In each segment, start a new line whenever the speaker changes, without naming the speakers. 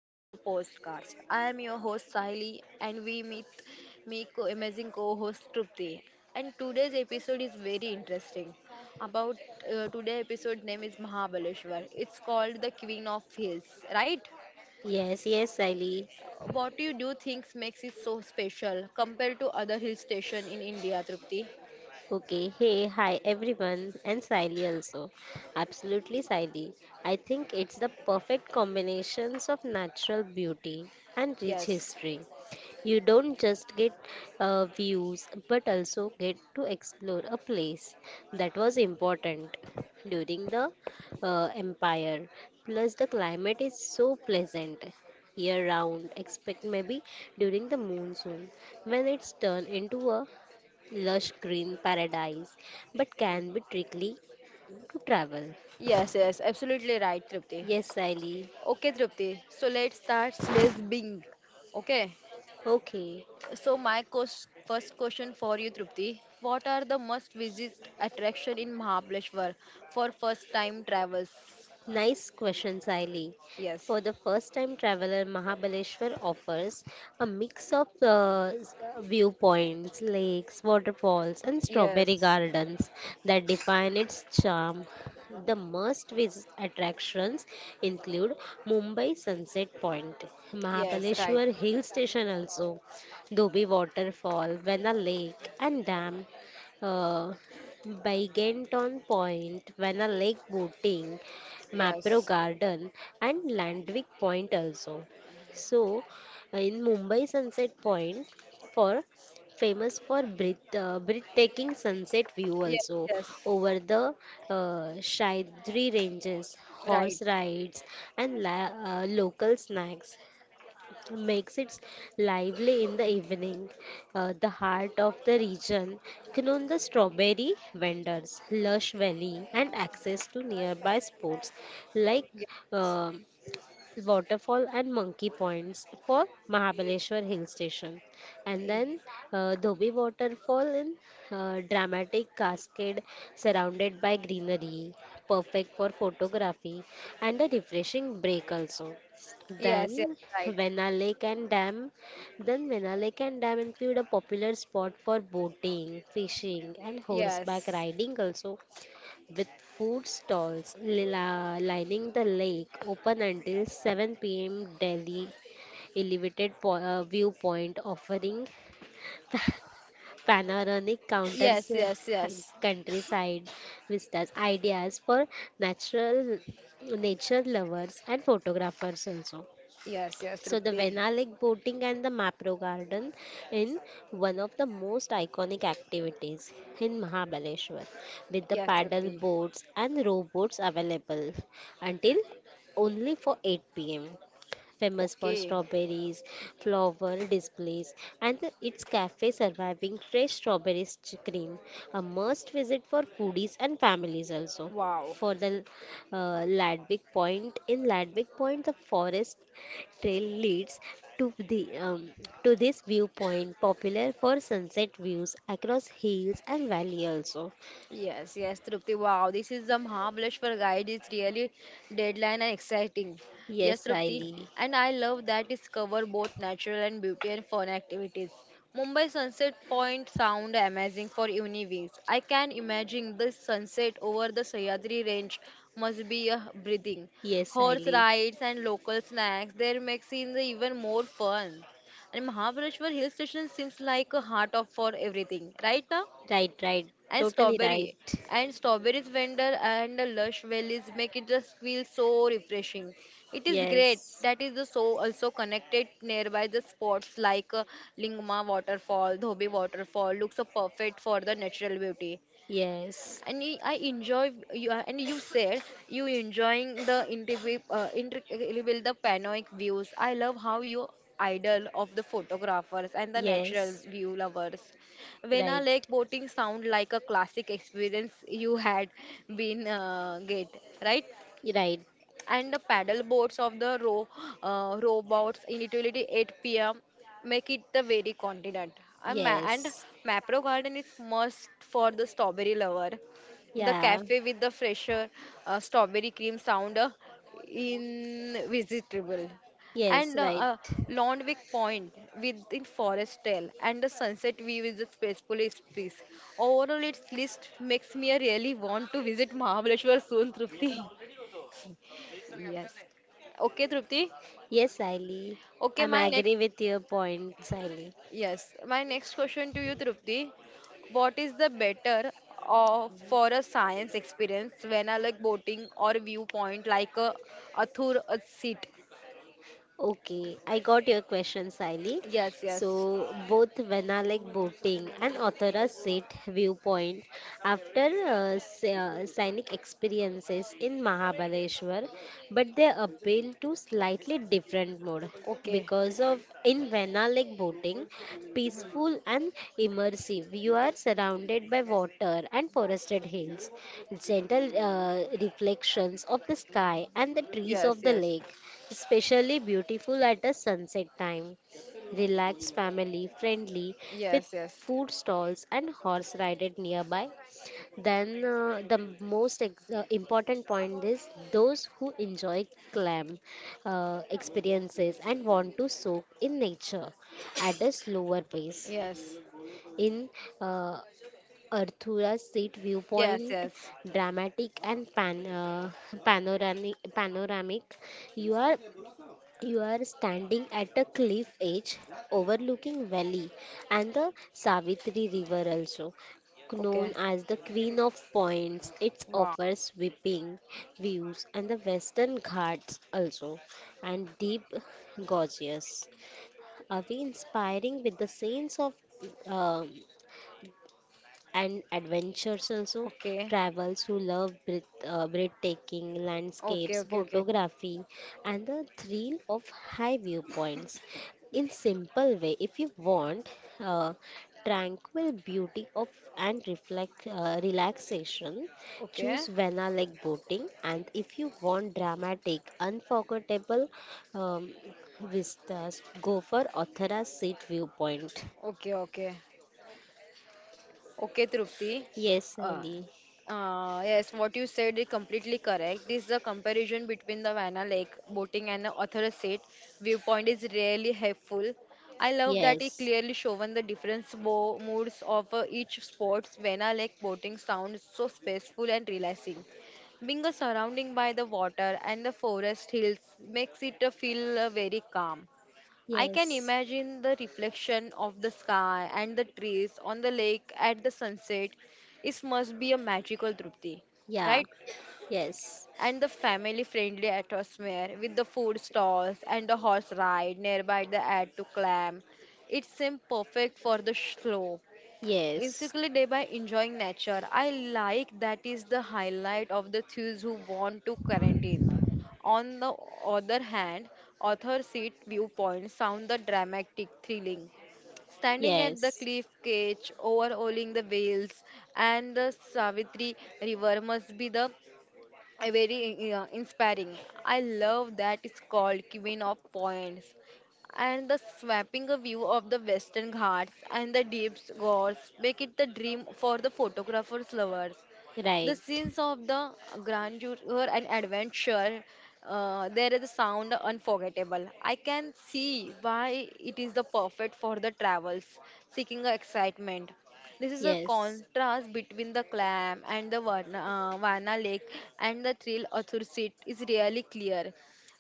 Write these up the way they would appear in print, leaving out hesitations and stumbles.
of your postcards. I am your host Sahili and we meet me amazing co-host Trupti. And today's episode is very interesting. About today episode name is Mahabaleshwar. It's called the Queen of Hills, right?
Yes, yes, Siley.
What do you do thinks makes it so special compared to other hill station in India, Trupti?
Okay, hey, hi everyone, and Siley also. Absolutely, Siley. I think it's the perfect combinations of natural beauty and rich
Yes.
history. You don't just get views, but also get to explore a place that was important during the empire. Plus, the climate is so pleasant year round, except maybe during the monsoon when it's turned into a lush green paradise, but can be tricky to travel.
Yes, yes, absolutely right, Trupti.
Yes, Sally.
Okay, Trupti. So let's start. Let's Bing. Okay.
Okay,
So my first question for you, Trupti, what are the must visit attraction in Mahabaleshwar for first time travels?
nice question, Saili.
Yes,
For the first time traveler, Mahabaleshwar offers a mix of viewpoints, lakes, waterfalls, and strawberry
yes,
gardens that define its charm. The must visit attractions include Mumbai Sunset Point,
yes, right,
Mahabaleshwar Hill Station, also Dobi Waterfall, Vena Lake, and Dam, uh, Byganton Point, Vana Lake Boating, Mapro
yes,
Garden, and Landwick Point also. So in Mumbai Sunset Point, for famous for breathtaking sunset view
yes,
also
yes,
over the uh, Shaidri ranges,
right,
horse rides, and local snacks makes it lively in the evening. The heart of the region, known the strawberry vendors, lush valley, and access to nearby sports like
yes,
uh, waterfall and monkey points for Mahabaleshwar Hill Station. And then Dhobi waterfall, in dramatic cascade surrounded by greenery, perfect for photography and a refreshing break also.
yes, yes,
Then
right,
Vena Lake and Dam. Then Vena Lake and Dam include a popular spot for boating, fishing, and horseback
yes,
riding also, with food stalls lining the lake open until 7 p.m. Delhi elevated viewpoint offering panoramic counters
yes, yes, yes,
countryside vistas, ideas for natural nature lovers and photographers also.
yes, yes,
So the
Trupti,
Venalik boating and the Mapro Garden in one of the most iconic activities in Mahabaleshwar, with the
yes,
paddle
Trupti.
boats and rowboats available until only for 8 pm. Famous for
Okay,
strawberries, flower displays, and its cafe surviving fresh strawberries cream. A must visit for foodies and families also.
wow.
For the Ladbroke Point, in Ladbroke Point, the forest trail leads to the to this viewpoint popular for sunset views across hills and valley also.
Yes, yes, Trupti. Wow, this is a Mahabaleshwar guide is really deadline and exciting. Yes,
Yes,
Trupti.
Siley.
And I love that it's cover both natural and beauty and fun activities. Mumbai sunset point sound amazing for evenings. I can imagine the sunset over the Sahyadri range must be a breathing.
Yes,
Horse
Siley.
rides and local snacks there makes it even more fun. And Mahabaleshwar hill station seems like a heart of for everything, right now?
Right, right.
And
Totally right.
strawberry and strawberries vendor and the lush valleys make it just feel so refreshing. It is great
Yes.
that is the so also connected nearby the spots like lingma waterfall dhobi waterfall looks perfect for the natural beauty
Yes.
and I enjoy and you said you enjoying the intricate intricate the panoramic views. I love how you idol of the photographers and the natural
Yes.
view lovers. Vena
Right.
Lake boating sound like a classic experience you had been get right?
Right.
And the paddle boats of the row rowboats in utility 8 p.m. make it the very continent. And
Yes.
Mapro Garden is must for the strawberry lover. The
Yeah.
cafe with the fresher strawberry cream sound invisitable.
Yes,
And
right.
Londwick Point within Forest Trail and the sunset view is a peaceful piece. Overall, its list makes me really want to visit Mahabaleshwar soon, Trupti. Yes. Okay, Trupti.
Yes, Siley.
Okay,
I'm
my next
agree with your point, Siley.
yes, my next question to you, Trupti. What is the better of for a science experience when I like boating or viewpoint like a Athur a seat?
Okay, I got your question, Siley.
Yes,
So,
yes.
both Vanalek boating and Authora Sit viewpoint after scenic experiences in Mahabaleshwar, but they appeal to slightly different mode,
Okay.
because of in Vanalek boating, peaceful and immersive. You are surrounded by water and forested hills, gentle reflections of the sky and the trees
Yes,
of the
yes.
lake, especially beautiful at the sunset time. Relaxed, family friendly, with
Yes, yes.
food stalls and horse rided nearby. Then, uh, the important point is those who enjoy clam experiences and want to soak in nature at a slower pace.
Yes.
In uh, Arthura Seat
Yes,
viewpoint,
yes.
dramatic and panoramic, you are you are standing at a cliff edge overlooking valley and the Savitri River, also known
Okay.
as the Queen of Points. It
Wow.
offers sweeping views and the Western Ghats also, and deep gorges. Are we inspiring with the sense of uh, and adventures also,
Okay.
travels who love breathtaking
Okay,
landscapes
okay, okay.
photography and the thrill of high viewpoints. In simple way, if you want uh, tranquil beauty of and reflect relaxation,
Okay.
choose vena like boating, and if you want dramatic unforgettable um, vistas, go for Othara seat viewpoint.
Okay, okay. Okay, Trupti.
Yes,
Uh,
Sally.
yes, what you said is completely correct. This is a comparison between the Vanna Lake boating and the author seat. Viewpoint is really helpful. I love that it
Yes.
clearly shown the different moods of each sports. Vanna Lake boating sounds so peaceful and relaxing. Being surrounded by the water and the forest hills makes it feel very calm. I can
Yes.
imagine the reflection of the sky and the trees on the lake at the sunset. It must be a magical Trupti,
Yeah.
right?
Yes.
And the family friendly atmosphere with the food stalls and the horse ride nearby the add to climb. It seems perfect for the slow,
Yes.
basically day by enjoying nature. I like that is the highlight of the thieves who want to current it. On the other hand, author seat viewpoints sound the dramatic thrilling. Standing at the
Yes.
cliff cage, overhauling the whales and the Savitri River must be the a very inspiring. I love that it's called Queen of Points. And the swapping a view of the Western Ghats and the deep gorge make it the dream for the photographers lovers. The
Right.
scenes of the grandeur and adventure, there is a sound unforgettable. I can see why it is the perfect for the travels, seeking a excitement. This is a
Yes.
contrast between the clam and the Varna lake and the thrill Athur seat is really clear.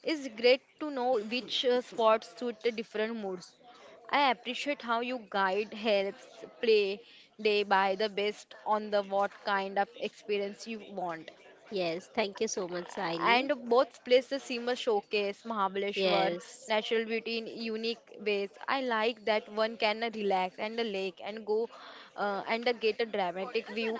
It's great to know which spots suit the different moods. I appreciate how you guide helps play day by the best on the what kind of experience you want
Yes. Thank you so much, Siley.
and both places seem showcase Mahabaleshwar
Yes.
natural beauty in unique ways. I like that one can relax and the lake and go and get a dramatic view,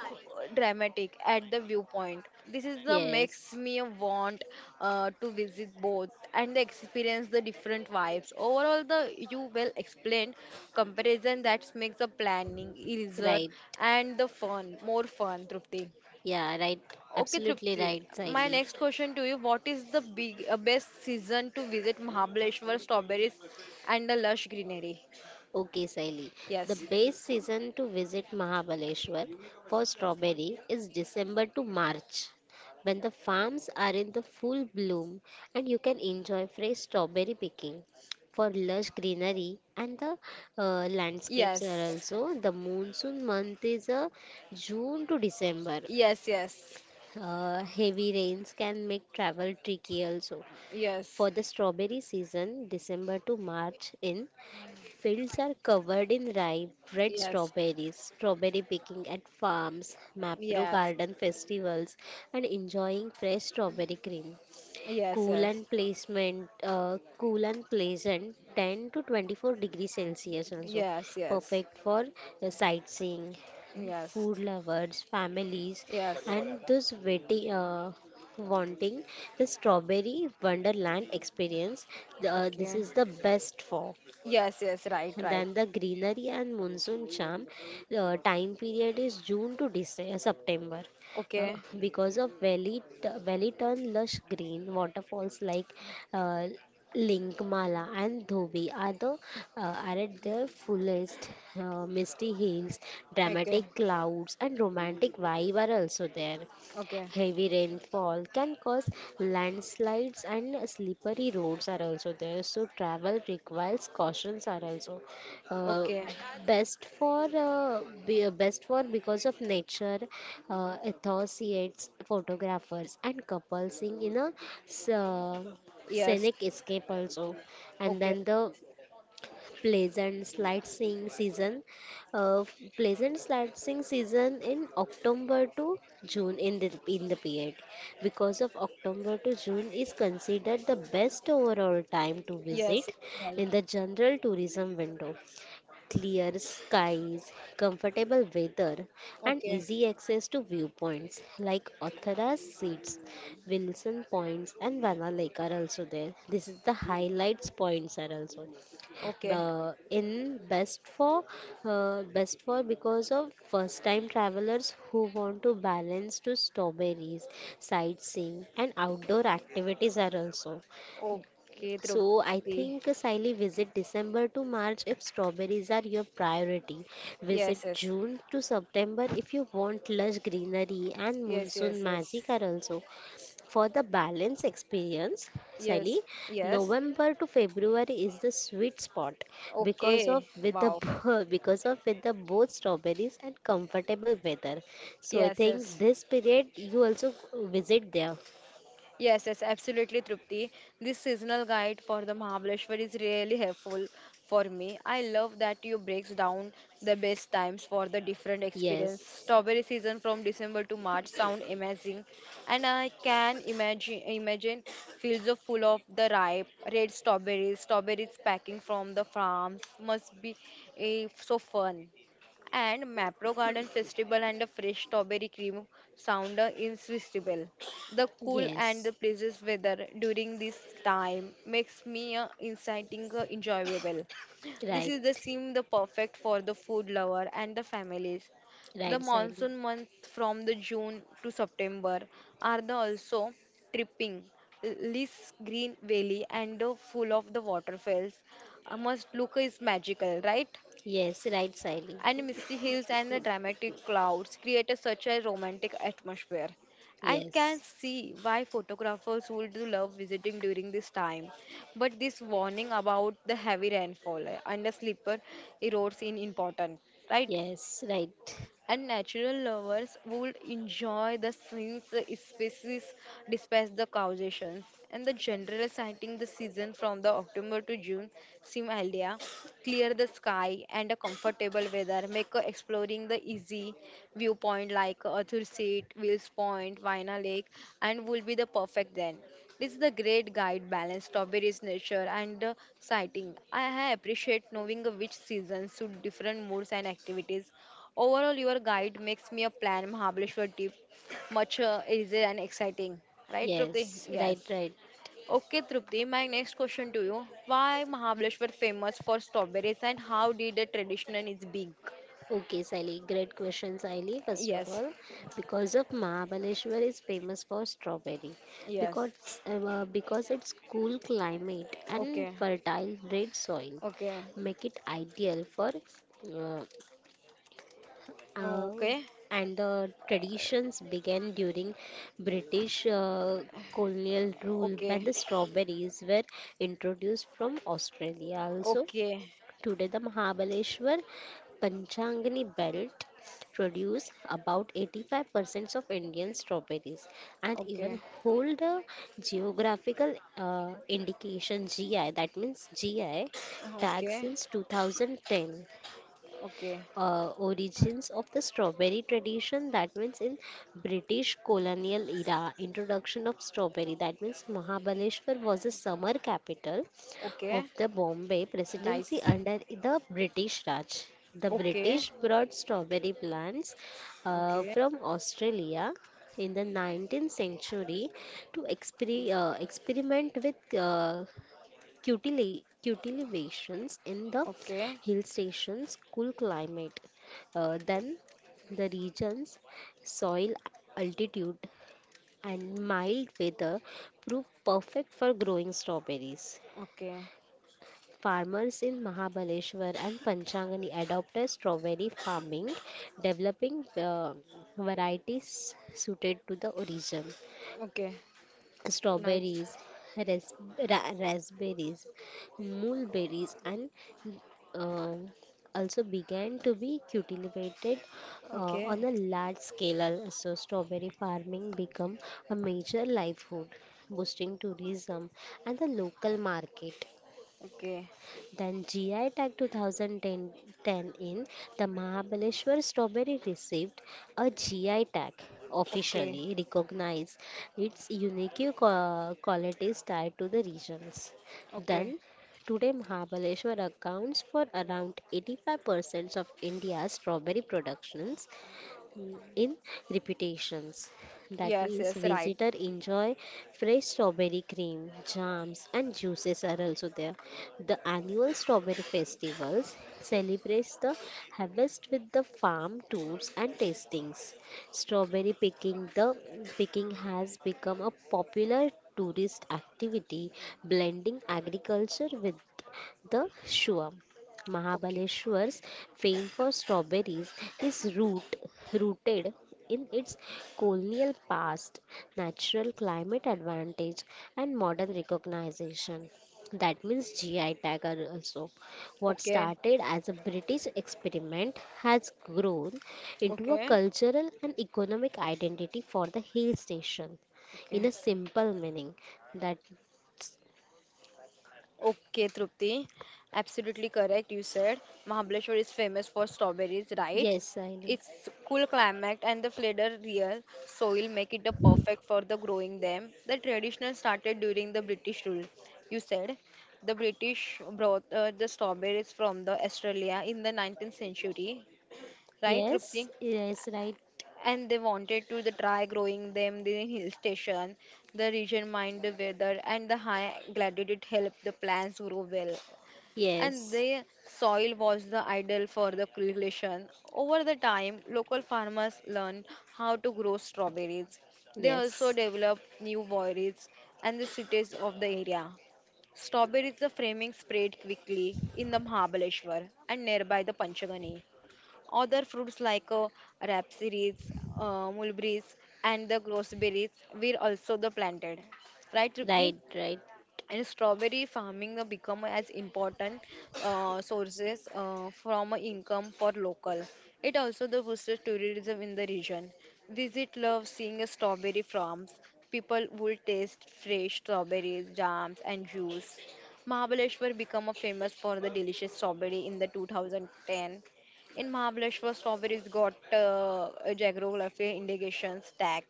dramatic at the viewpoint. This is the makes
Yes.
me want to visit both and experience the different vibes. Overall, the you well explained comparison that makes the planning easier
Right.
and the fun more fun. Trupti.
Yeah. Right.
Okay,
Absolutely
Trupti.
right,
My
Siley.
next question to you: what is the big best season to visit Mahabaleshwar strawberries and the lush greenery?
Okay, Saili. The
Yes,
best season to visit Mahabaleshwar for strawberry is December to March, when the farms are in the full bloom and you can enjoy fresh strawberry picking. For lush greenery and the landscapes are
yes,
also the monsoon month is, June to December.
yes, yes,
Heavy rains can make travel tricky also.
yes,
For the strawberry season, December to March, in fields are covered in ripe red
yes,
strawberries, strawberry picking at farms,
yes,
Mapro
yes,
garden festivals, and enjoying fresh strawberry cream.
yes,
Cool and pleasant, 10 to 24 degrees Celsius also.
yes, yes,
Perfect for sightseeing,
yes,
food lovers, families,
yes.
and wanting the strawberry wonderland experience. This
Okay.
is the best for.
Yes, yes, right, right.
Then the greenery and monsoon charm time period is June to December, September. Uh,
Okay,
because of valley, valley turn lush green, waterfalls like uh, Linkmala and Dhobi are, are at their fullest. Misty hills,
okay,
dramatic clouds, and romantic vibe are also there.
okay,
Heavy rainfall can cause landslides and slippery roads are also there. So travel requires cautions are also, uh,
okay.
uh, best for because of nature enthusiasts, photographers, and couples in a s- uh,
Yes,
scenic escape also. And
okay.
then the pleasant sightseeing season uh, pleasant sightseeing season in october to june, in the period, because of october to june is considered the best overall time to
Yes, yes,
visit,
right.
in the general tourism window, clear skies, comfortable weather, and
Okay,
easy access to viewpoints like Othara's seats, wilson points, and vanna lake are also there, this is the highlights points are also
okay,
in best for best for because of first time travelers who want to balance to strawberries, sightseeing, and outdoor activities are also.
okay,
So I
Drupti.
think, Siley, visit December to March if strawberries are your priority, visit
Yes, yes,
June to September if you want lush greenery and
yes,
monsoon
yes, yes,
magic are also. For the balance experience, Sally,
yes, yes.
November to February is the sweet spot, because of
Okay,
with the
wow.
because of with the both strawberries and comfortable weather. So I
Yes,
think
yes,
this period you also visit there.
yes, yes, absolutely, Trupti. This seasonal guide for the Mahabaleshwar is really helpful for me. I love that you breaks down the best times for the different experience.
Yes,
Strawberry season from December to March sound amazing, and I can imagine fields of full of the ripe red strawberries. Strawberries packing from the farms must be eh, so fun and Mapro Garden Festival and the fresh strawberry cream sound irresistible. The cool and
yes,
the places weather during this time makes me inciting enjoyable. This
right,
is the seem the perfect for the food lover and the families. The
right, Sally.
monsoon month from the June to September are the also tripping. This green valley and full of the waterfalls. I must look is magical, right?
Yes, right, Sally.
And misty hills and the dramatic clouds create a, such a romantic atmosphere. I can
Yes,
see why photographers would love visiting during this time. But this warning about the heavy rainfall and the slipper erodes in important, right?
yes, right.
And natural lovers would enjoy the scenes, the species, despite the causations. And the general sighting the season from the October to June seem ideal. Clear the sky and a comfortable weather make exploring the easy viewpoint like Arthur Seat, Wills Point, Vina Lake, and will be the perfect then. This is the great guide balance strawberries nature and sighting. I appreciate knowing which seasons suit different moods and activities. Overall, your guide makes me a plan Mahabaleshwar trip much easier and exciting. Right, Trupti?
Yes, right,
Yes.
right.
Okay, Trupti, my next question to you. Why Mahabaleshwar famous for strawberries and how did the tradition is big?
Okay, Sally, great question, Sally. First of
Yes.
all, because of Mahabaleshwar is famous for strawberry,
Yes.
because its cool climate and
Okay.
fertile red soil
Okay.
make it ideal for uh, uh,
Okay.
and the traditions began during British colonial rule when
Okay.
the strawberries were introduced from Australia also.
Okay.
Today, the Mahabaleshwar Panchangani belt produce about 85% of Indian strawberries and even
Okay.
hold a geographical indication GI, that means GI, tag
Okay.
since 2010.
Okay.
Uh, origins of the strawberry tradition, that means, in british colonial era introduction of strawberry, that means Mahabaleshwar was a summer capital
Okay.
of the Bombay presidency
Nice.
under the british raj. The
Okay.
british brought strawberry plants
Okay.
from Australia in the 19th century to experiment with cultivations in the
Okay.
hill stations, cool climate. Then the region's soil, altitude, and mild weather prove perfect for growing strawberries.
Okay.
Farmers in Mahabaleshwar and Panchangani adopted strawberry farming, developing varieties suited to the origin.
Okay. Nice.
Strawberries, ras- raspberries, mulberries, and uh, also began to be cultivated on
Okay,
a large scale. So, strawberry farming became a major livelihood, boosting tourism and the local market.
okay,
Then GI Tag 2010, in the Mahabaleshwar strawberry received a GI Tag
okay,
officially recognized its unique qualities tied to the regions.
okay.
Then today Mahabaleshwar accounts for around 85% of India's strawberry productions mm, in reputations. That
Yes,
means
yes, right.
visitor enjoy fresh strawberry cream, jams, and juices are also there. The annual strawberry festivals celebrates the harvest with the farm tours and tastings. Strawberry picking the Picking has become a popular tourist activity blending agriculture with the Shua,
Okay,
Mahabaleshwar's fame for strawberries is rooted in its colonial past, natural climate advantage, and modern recognition. That means GI tag are also. What
okay,
started as a British experiment has grown into a
okay,
cultural and economic identity for the hill station, in
okay,
a simple meaning that
okay, Trupti. Absolutely correct. You said Mahabaleshwar is famous for strawberries, right?
yes I
Its cool climate and the flatter, real soil make it a perfect for the growing them. The traditional started during the British rule. You said the British brought the strawberries from the Australia in the 19th century, right,
yes
Trupti?
yes right.
And they wanted to the try growing them in the hill station the region mind the weather and the high gladiolet helped the plants grow well and
Yes,
the soil was the ideal for the cultivation over the time local farmers learned how to grow strawberries they also
yes,
developed new varieties and the cities of the area. Strawberries the framing spread quickly in the Mahabaleshwar and nearby the Panchagani. Other fruits like rapeseeds, mulberries, and the gooseberries were also the planted. Right,
right,
Tripti?
right,
And strawberry farming become as important sources from income for local it also the boosts tourism in the region visit love seeing strawberry farms people will taste fresh strawberries jams and juice mahabaleshwar become a famous for the delicious strawberry in the 2010 in mahabaleshwar strawberries got a geography indications tag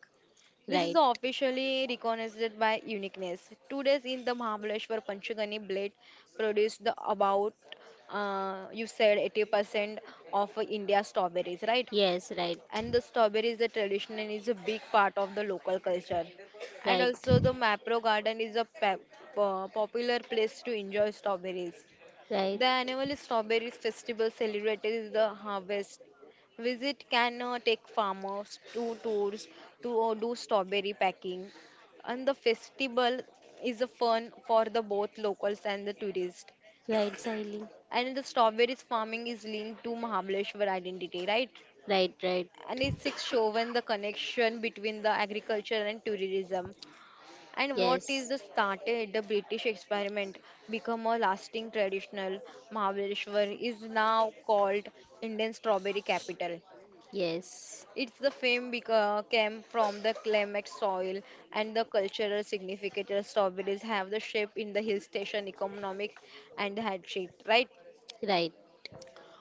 this is
right.
officially recognized by uniqueness. 2 days in the Mahabaleshwar Panchagani blade produced the about you said 80% of India's strawberries, right?
Yes, right,
And the strawberries, the tradition is a big part of the local culture. And
right,
also the Mapro Garden is a popular place to enjoy strawberries.
right,
The annual strawberry festival celebrated the harvest. Visit can take farmers to tours to do strawberry packing. And the festival is a fun for the both locals and the tourists.
right, Siley.
And the strawberries farming is linked to Mahabaleshwar identity, right?
Right, right.
And it's shown the connection between the agriculture and tourism. And what is
Yes,
the started the British experiment become a lasting traditional Mahabaleshwar is now called Indian strawberry capital.
yes,
Its the fame came from the climate soil and the cultural significance of strawberries have the shape in the hill station economic and had shape, right?
right.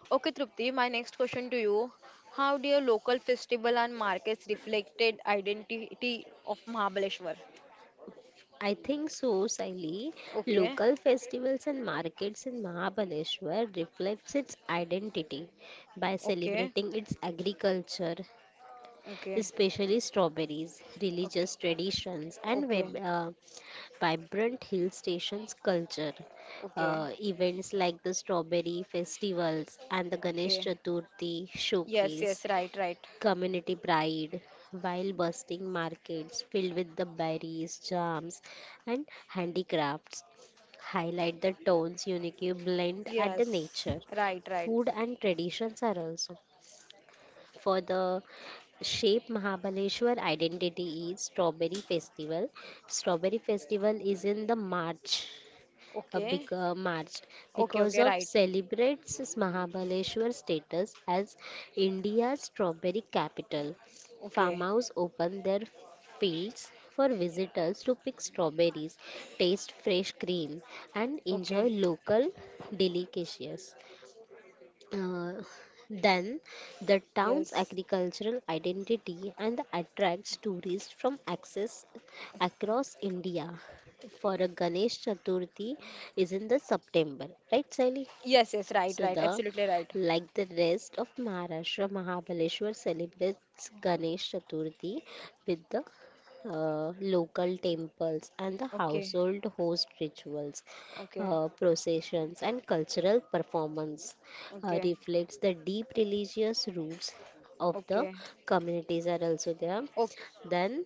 Okay, Trupti, my next question to you. How do your local festival and markets reflected identity of Mahabaleshwar?
I think so, Siley.
Okay,
Local festivals and markets in Mahabaleshwar reflects its identity by
okay,
celebrating its agriculture,
okay.
especially strawberries,
Okay.
religious traditions, and
Okay.
vibrant hill stations culture.
Okay.
Events like the strawberry festivals and the Ganesh
Okay.
Chaturthi
Yes, yes,
showcase
right, right.
community pride, while busting markets filled with the berries, jams, and handicrafts highlight the town's unique blend at the
Yes.
nature.
Right, right.
Food and traditions are also for the shape Mahabaleshwar identity is Strawberry Festival. Strawberry Festival is in the March, a
Okay.
big March,
Okay,
because
okay,
of
right.
celebrates Mahabaleshwar status as India's strawberry capital.
Okay.
Farmers open their fields for visitors to pick strawberries, taste fresh cream, and enjoy
Okay.
local delicacies. Uh, then, the town's
Yes.
agricultural identity and attracts tourists from access across India. For a Ganesh Chaturthi is in the September, right, Sally?
Yes, yes, right,
So
right.
the,
Absolutely right.
like the rest of Maharashtra, Mahabaleshwar celebrates Ganesh Chaturthi with the local temples and the
Okay.
household host rituals,
Okay.
processions, and cultural performance
Okay.
reflects the deep religious roots of the
Okay.
communities are also there.
Okay.
Then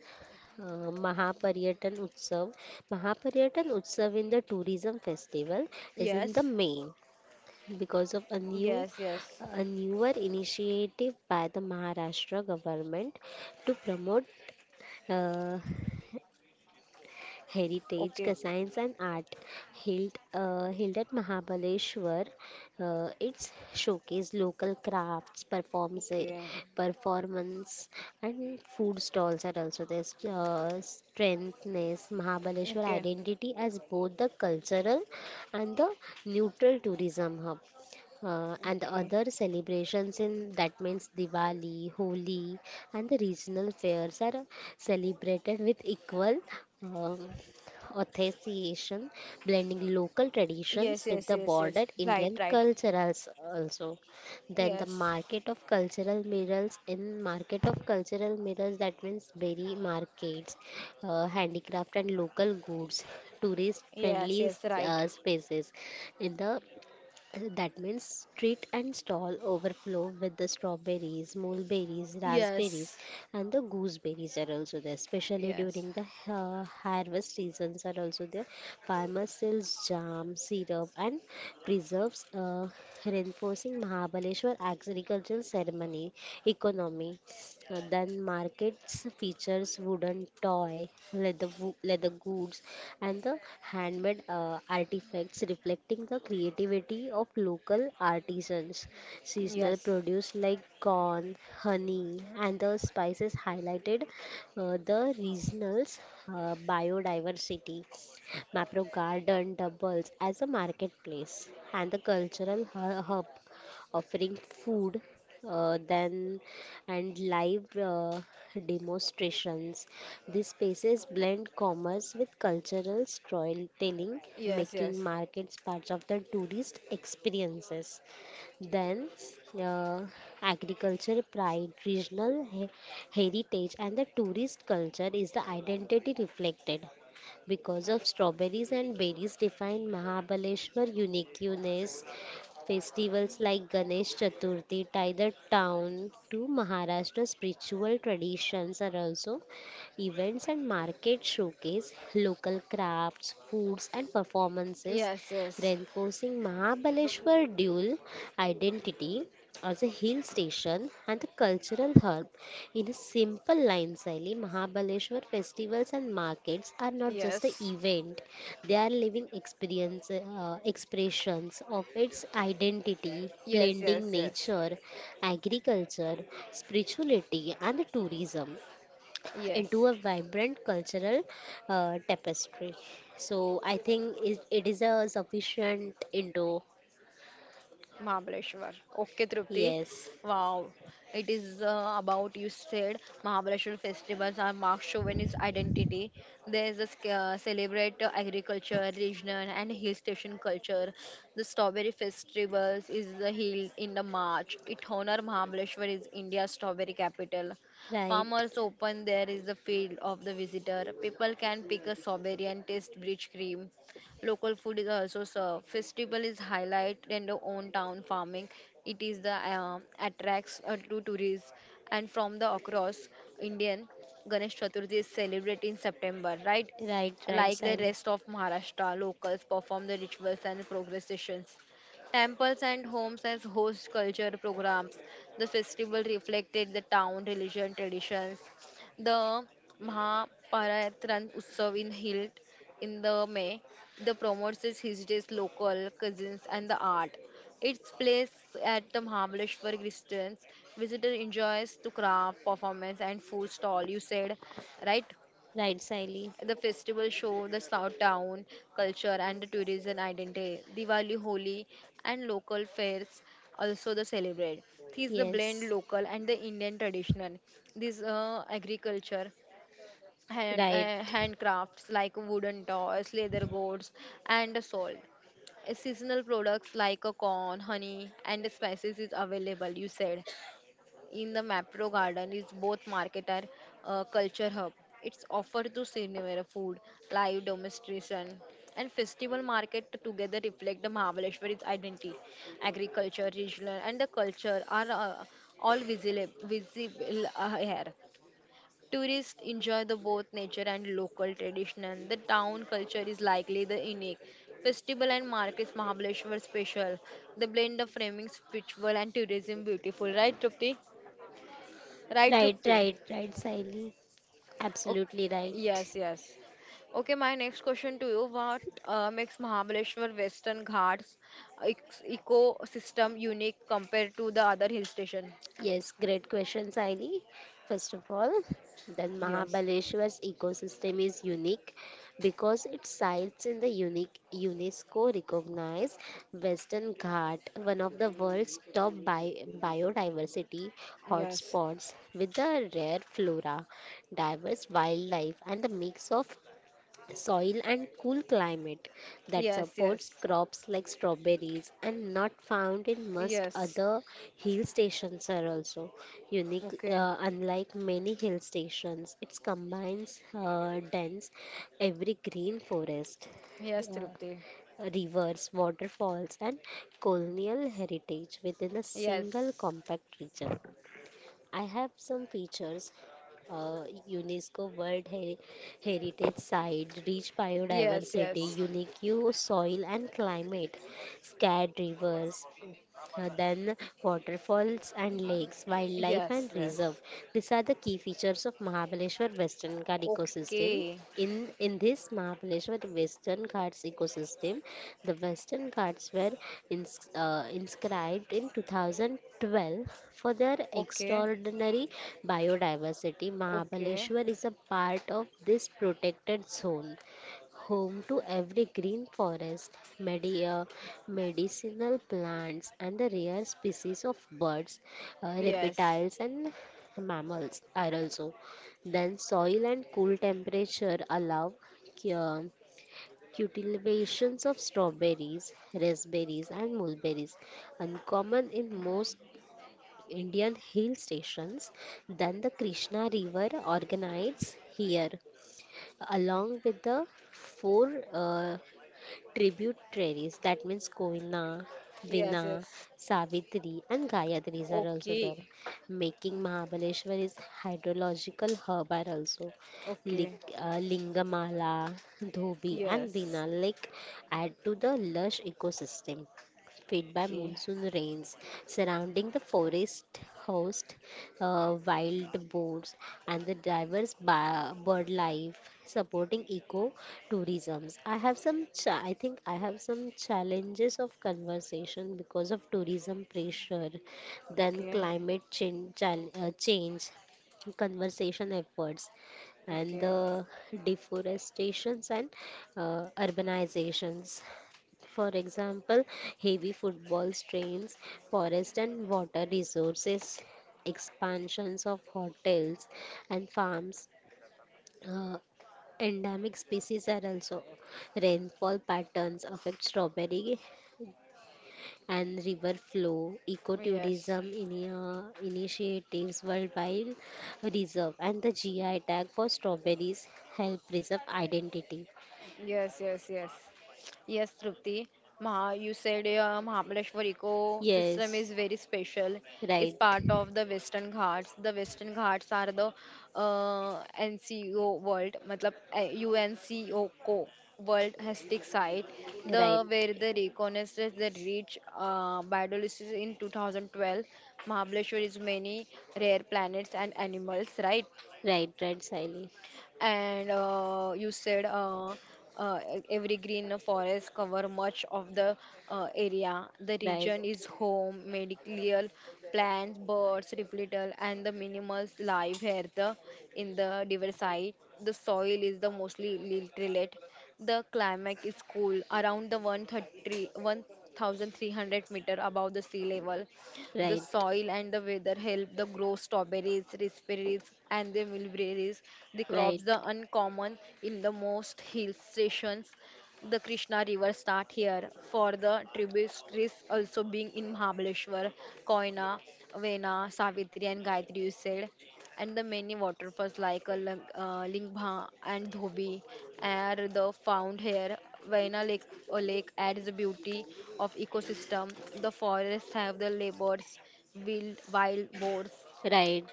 uh, Mahaparyatan Utsav. Mahaparyatan Utsav in the tourism festival is in the
Yes.
May, because of a new
Yes, yes.
a newer initiative by the Maharashtra government to promote uh, heritage,
Okay.
science, and art, held at Mahabaleshwar. It's showcase local crafts,
Okay.
performance and food stalls are also there. Strengthens Mahabaleshwar
Okay.
identity as both the cultural and the neutral tourism hub. And the
Okay.
other celebrations in that means Diwali, Holi, and the regional fairs are celebrated with equal um, authentication, blending local
Yes,
traditions with
yes,
the
yes, yes.
bordered
Right,
Indian
right.
cultures. Also. Then the
Yes.
market of cultural mirrors that means berry markets, handicraft and local goods, tourist
Yes,
friendly
yes, right.
spaces in the That means street and stall overflow with the strawberries, mulberries, raspberries,
Yes.
and the gooseberries are also there. Especially during
Yes.
the harvest seasons are also there. Farmers sells jam, syrup, and preserves, reinforcing Mahabaleshwar agricultural ceremony economy. Then markets features wooden toy, leather goods, and the handmade artifacts reflecting the creativity of local artisans. Seasonal
Yes.
produce like corn, honey, and the spices highlighted the regional's biodiversity. Mapro Garden doubles as a marketplace and the cultural hub offering food, then and live demonstrations. These spaces blend commerce with cultural storytelling,
Yes.
making
Yes.
markets parts of the tourist experiences. Then, uh, Agriculture pride, regional heritage, and the tourist culture is the identity reflected because of strawberries and berries define Mahabaleshwar uniqueness. Festivals like Ganesh Chaturthi tie the town to Maharashtra spiritual traditions and also events and markets showcase local crafts, foods and performances,
Yes. Yes.
reinforcing Mahabaleshwar dual identity as a hill station and the cultural hub. In a simple line, Sally, Mahabaleshwar festivals and markets are not just an
Yes.
event, they are living expressions of its identity,
Yes.
blending
Yes. Yes.
nature, agriculture, spirituality, and tourism
Yes.
into a vibrant cultural tapestry. So I think it is a sufficient Indo.
Mahabaleshwar. Okay, Trupti.
Yes,
Wow. It is about, you said, Mahabaleshwar festivals are Mark Chauvin's identity. There is a celebrate agriculture, regional, and hill station culture. The strawberry festivals is the hill in the March. It honor Mahabaleshwar is India's strawberry capital.
right,
Farmers open there is the field of the visitor. People can pick a strawberry and taste rich cream. Local food is also served. Festival is highlight in the own town farming. It is the attracts to tourists and from the across Indian Ganesh Chaturthi is celebrated in September, right?
right, right,
Like the
Sally,
rest of Maharashtra, locals perform the rituals and processions. Temples and homes as host culture programs. The festival reflected the town religion traditions the Mahaparayatran Utsav in Hilt in the May. The promotes its his local cousins and the art. Its place at the Mahabaleshwar Distance. Visitor enjoys to craft, performance and food stall. You said, right?
right, Siley.
The festival show the South town culture and the tourism identity. Diwali, Holi, and local fairs also the celebrate. This is the blend
Yes,
local and the Indian traditional. This agriculture
right,
handcrafts like wooden toys, leather goods, and salt. Seasonal products like a corn, honey, and spices is available. You said in the Mapro Garden is both market and culture hub. It's offered to senior food, live demonstration, and festival market together reflect the Mahabaleshwari's identity. Agriculture, regional, and the culture are all visible here. Tourists enjoy the both nature and local tradition. The town culture is likely the unique. Festival and markets Mahabaleshwar special. The blend of framing spiritual and tourism beautiful. Right, Trupti? Right,
right,
Trupti?
right, right, Sally. Absolutely
Okay.
right.
Yes, yes. Okay, my next question to you. What makes Mahabaleshwar Western Ghats ec- ecosystem unique compared to the other hill station?
Yes, great question, Saini. First of all, then
Yes,
Mahabaleshwar's ecosystem is unique because it sites in the unique UNESCO recognized Western Ghat, one of the world's top biodiversity
yes,
hotspots with the rare flora, diverse wildlife, and the mix of soil and cool climate that
yes,
supports
yes,
crops like strawberries and not found in most
yes.
other hill stations are also unique.
Okay,
Unlike many hill stations it combines dense every green forest,
yes,
uh,
Trupti.
rivers, waterfalls and colonial heritage within a single
Yes.
compact region. I have some features: uh, UNESCO World Heritage Site, rich
Yes,
biodiversity,
yes.
unique soil and climate, scarred rivers, then waterfalls and lakes, wildlife and
Yes, yes.
reserve. These are the key features of Mahabaleshwar Western Ghat ecosystem.
Okay.
In this Mahabaleshwar Western Ghats ecosystem, the Western Ghats were inscribed in 2012 for their
Okay.
extraordinary biodiversity.
Okay.
Mahabaleshwar is a part of this protected zone, home to every green forest, medicinal plants, and the rare species of birds,
Yes.
reptiles, and mammals are also. Then, soil and cool temperature allow cu- uh, cultivations of strawberries, raspberries, and mulberries, uncommon in most Indian hill stations. Then, the Krishna River organizes here
Okay.
along with the four tributaries that means Koina,
Yes,
Vina,
yes.
Savitri and Gayatris are also
Okay.
there, making Mahabaleshwar is hydrological hub are also.
Okay.
Lingamala, Dhobi and
Yes.
Vina lake add to the lush ecosystem fed by
Okay.
monsoon rains surrounding the forest host wild boars, and the diverse bird life, supporting eco tourisms. I have some, I think I have some challenges of conversation because of tourism pressure, then
Okay.
change, conservation efforts and
Okay.
the deforestations and urbanizations. For example, heavy football strains, forest and water resources, expansions of hotels and farms, uh, endemic species are also. Rainfall patterns affect strawberry and river flow,
Yes.
ecotourism initiatives, worldwide reserve, and the GI tag for strawberries help preserve identity.
Yes, yes, yes. Yes, Trupti. Maha, you said Mahabaleshwar ecosystem is
Yes,
very special. It's
right,
part of the Western Ghats. The Western Ghats are the NCO world, matlab, UNCO World Heritage Site, the
right,
where the reconnaissance the reach biodiversity in 2012. Mahabaleshwar is many rare planets and animals, right?
right, right, Sally,
And you said every green forest cover much of the area the
right.
region is home medical plants birds reptile and the minimals live here the in the diversity the soil is the mostly literate the climate is cool around the one hundred thirty one thousand three hundred meter above the sea level the
Right,
soil and the weather help the grow strawberries, raspberries, and the mulberries. The crops
right,
are uncommon in the most hill stations. The Krishna River start here for the tributaries also being in Mahabaleshwar, Koyna, Vena, Savitri, and Gayatri. You said and the many waterfalls like Lingbha and Dhobi are the found here. Vaina Lake, Lake adds the beauty of ecosystem. The forests have the leopards, wild boars,
right,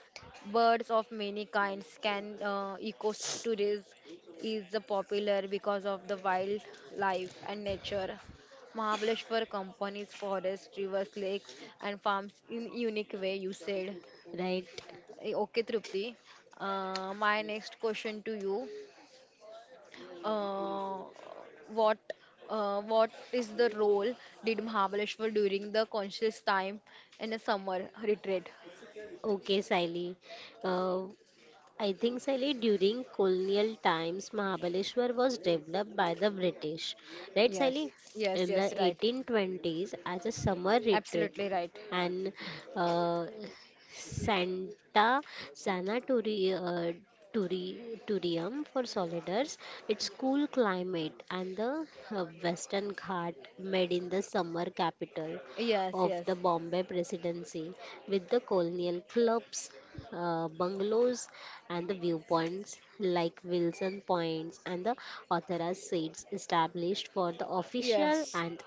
birds of many kinds. Can ecotourism is the popular because of the wildlife and nature. Mahabaleshwar companies, forests, rivers, lakes, and farms in unique way. You said.
right.
Eh, okay, Tripti. My next question to you: uh, what what is the role did Mahabaleshwar during the conscious time in a summer retreat?
Okay, Saili. Uh, I think Saili during colonial times, Mahabaleshwar was developed by the British. Right,
Yes,
Saili?
yes,
In the
yes, right.
1820s as a summer retreat
Absolutely right.
and uh, Santa Sanatori- uh, for solidars, its cool climate, and the Western Ghat made in the summer capital
Yes,
of
yes.
the Bombay Presidency with the colonial clubs, bungalows, and the viewpoints like Wilson Points and the Authorized seats established for the official
Yes,
and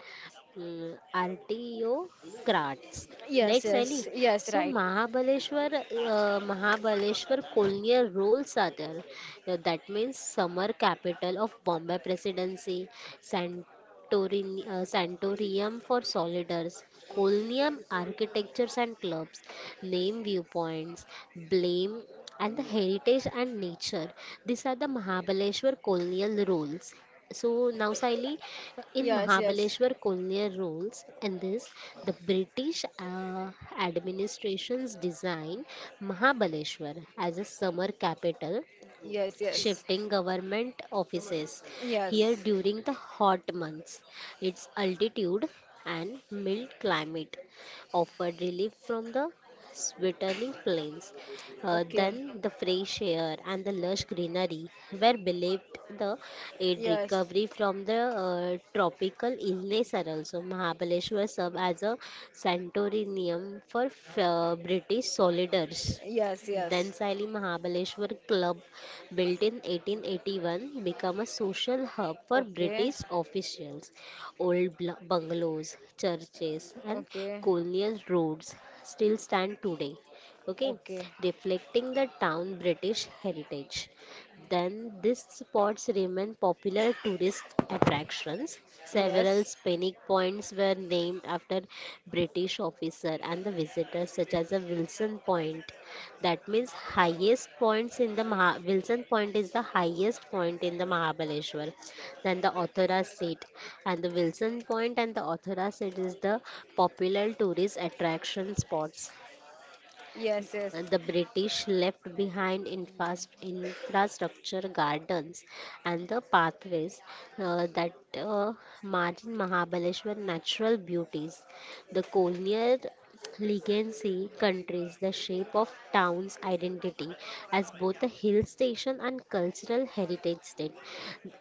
Artiocrats,
yes,
right, Sally?
yes, yes,
So
right.
Mahabaleshwar colonial rules are there. That means summer capital of Bombay Presidency, Santorium for solidars, Colonium architectures and clubs, name viewpoints, blame and the heritage and nature. These are the Mahabaleshwar colonial rules. So now, Saili, in
Yes, yes.
Mahabaleshwar colonial rules and this, the British administration's designed Mahabaleshwar as a summer capital,
Yes, yes,
shifting government offices here
yes,
during the hot months. Its altitude and mild climate offered relief from the sweltering plains.
okay,
Then the fresh air and the lush greenery were believed the aid
yes,
recovery from the tropical illness are also. Mahabaleshwar served as a sanatorium for British soldiers.
yes,
Then
yes.
Sally, Mahabaleshwar Club built in 1881, became a social hub for
Okay,
British officials. Old bungalows, churches, and
okay,
colonial roads still stand today, okay,
okay.
reflecting the town British heritage. Then these spots remain popular tourist attractions. Several
Yes.
scenic points were named after British officer and the visitors, such as a Wilson Point. That means highest points in the Wilson Point is the highest point in the Mahabaleshwar. Then the Authora seat and the Wilson Point and the Authora seat is the popular tourist attraction spots.
Yes, yes,
The British left behind infrastructure, gardens, and the pathways that uh, margin Mahabaleshwar natural beauties. The colonial legacy countries the shape of town's identity as both a hill station and cultural heritage state.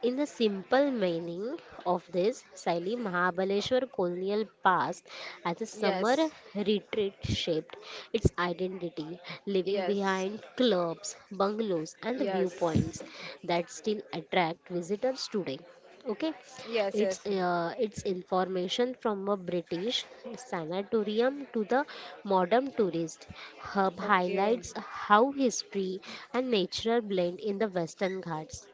In the simple meaning of this, Saili, Mahabaleshwar colonial past as a summer
yes,
retreat shaped its identity, leaving
yes,
behind clubs, bungalows, and the
yes,
viewpoints that still attract visitors today. Okay,
yes,
it's
yes.
its information from a British sanatorium to the modern tourist hub
Okay,
highlights how history and nature blend in the Western Ghats.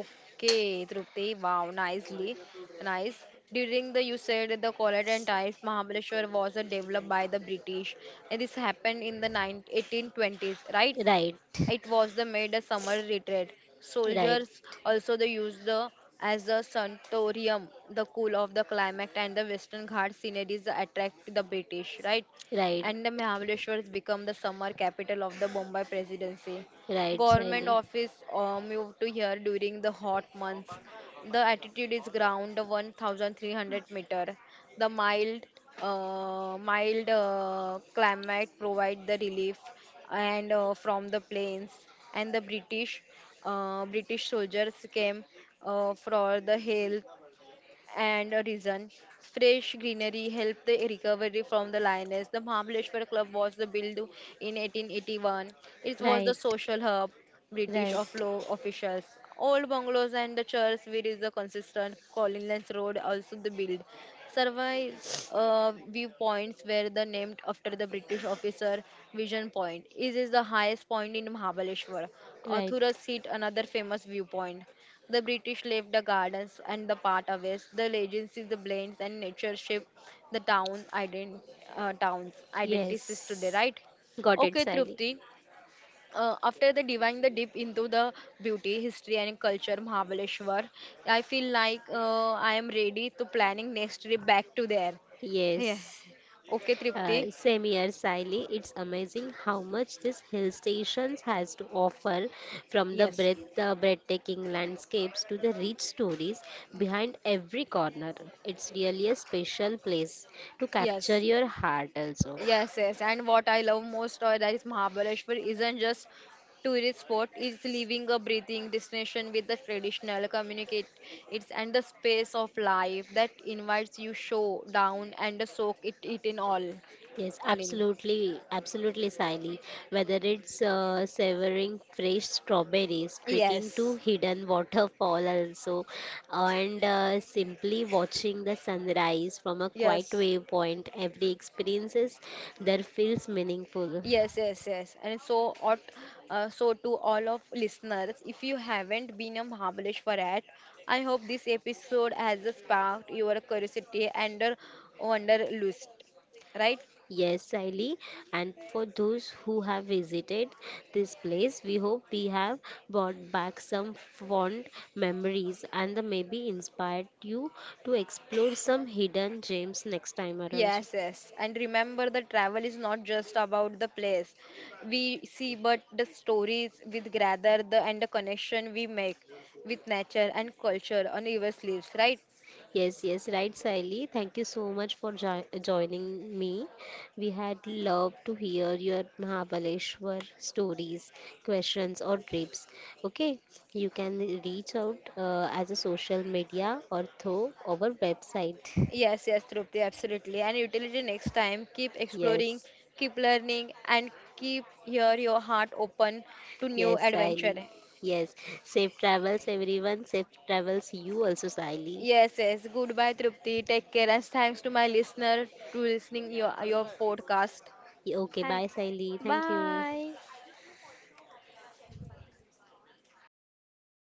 okay, Trupti. Wow, nicely, nice. During the you said that the collar and ties, Mahabaleshwar was developed by the British, and this happened in the 19, right?
Right.
It was the made a summer retreat.
Right,
Soldiers also they used the as a sanatorium. The cool of the climate and the Western Ghat sceneries attract the British, right?
right,
And the Mahabaleshwar has become the summer capital of the Bombay Presidency.
right,
Government
Sally.
office moved to here during the hot months. The altitude is ground 1,300 meter. The mild, climate provide the relief and from the plains and the british soldiers came for the help and a reason. Fresh greenery helped the recovery from the lioness. The Mahabaleshwar Club was the built in 1881. It was the
Right,
social hub British of
right,
law officials. Old bungalows and the church where is the consistent Collins Road also the build. Survey viewpoints were the named after the British officer Vision Point. This is the highest point in Mahabaleshwar.
right.
Athura Seat, another famous viewpoint. The British left the gardens and the part of it. The legacy, the blends and nature shape the town's identities today,
Yes.
right?
Got it,
Okay,
Sally.
Trupti. After the diving the deep into the beauty, history and culture Mahabaleshwar, I feel like I am ready to planning next trip back to there. Yeah.
Yes.
Okay, Tripti.
Same here, Sally. It's amazing how much this hill stations has to offer, from the
Yes.
breathtaking landscapes to the rich stories behind every corner. It's really a special place to capture
Yes.
your heart, also.
Yes, yes. And what I love most that is Mahabaleshwar isn't just tourist spot, it's living a breathing destination with the traditional communicate it's and the space of life that invites you show down and soak it in
Yes,
all in.
absolutely, absolutely, Sally. Whether it's severing fresh strawberries, trekking to
Yes.
hidden waterfall also, and simply watching the sunrise from a quiet
Yes.
waypoint, every experiences there feels meaningful.
Yes, yes, yes. And so, all, so to all of listeners, if you haven't been a Mahabaleshwar at, I hope this episode has sparked your curiosity and a wanderlust. Right?
Yes, Sally. And for those who have visited this place, we hope we have brought back some fond memories and the maybe inspired you to explore some hidden gems next time around. So,
Yes, yes. And remember, the travel is not just about the place we see, but the stories we gather, the and the connection we make with nature and culture on our sleeves. Right?
yes, yes, right, Saili. Thank you so much for jo joining me. We had loved to hear your Mahabaleshwar stories, questions, or trips. Okay, you can reach out as a social media or through our website.
Yes, yes, Trupti, absolutely. And utility next time. Keep exploring,
Yes,
keep learning, and keep your heart open to new
yes, Saili.
adventure.
Yes, safe travels, everyone. Safe travels, you also, Saili.
Yes, yes. Goodbye, Trupti. Take care, and thanks to my listener to listening your podcast.
Okay,
Thank.
bye, Saili. Thank you.
Bye.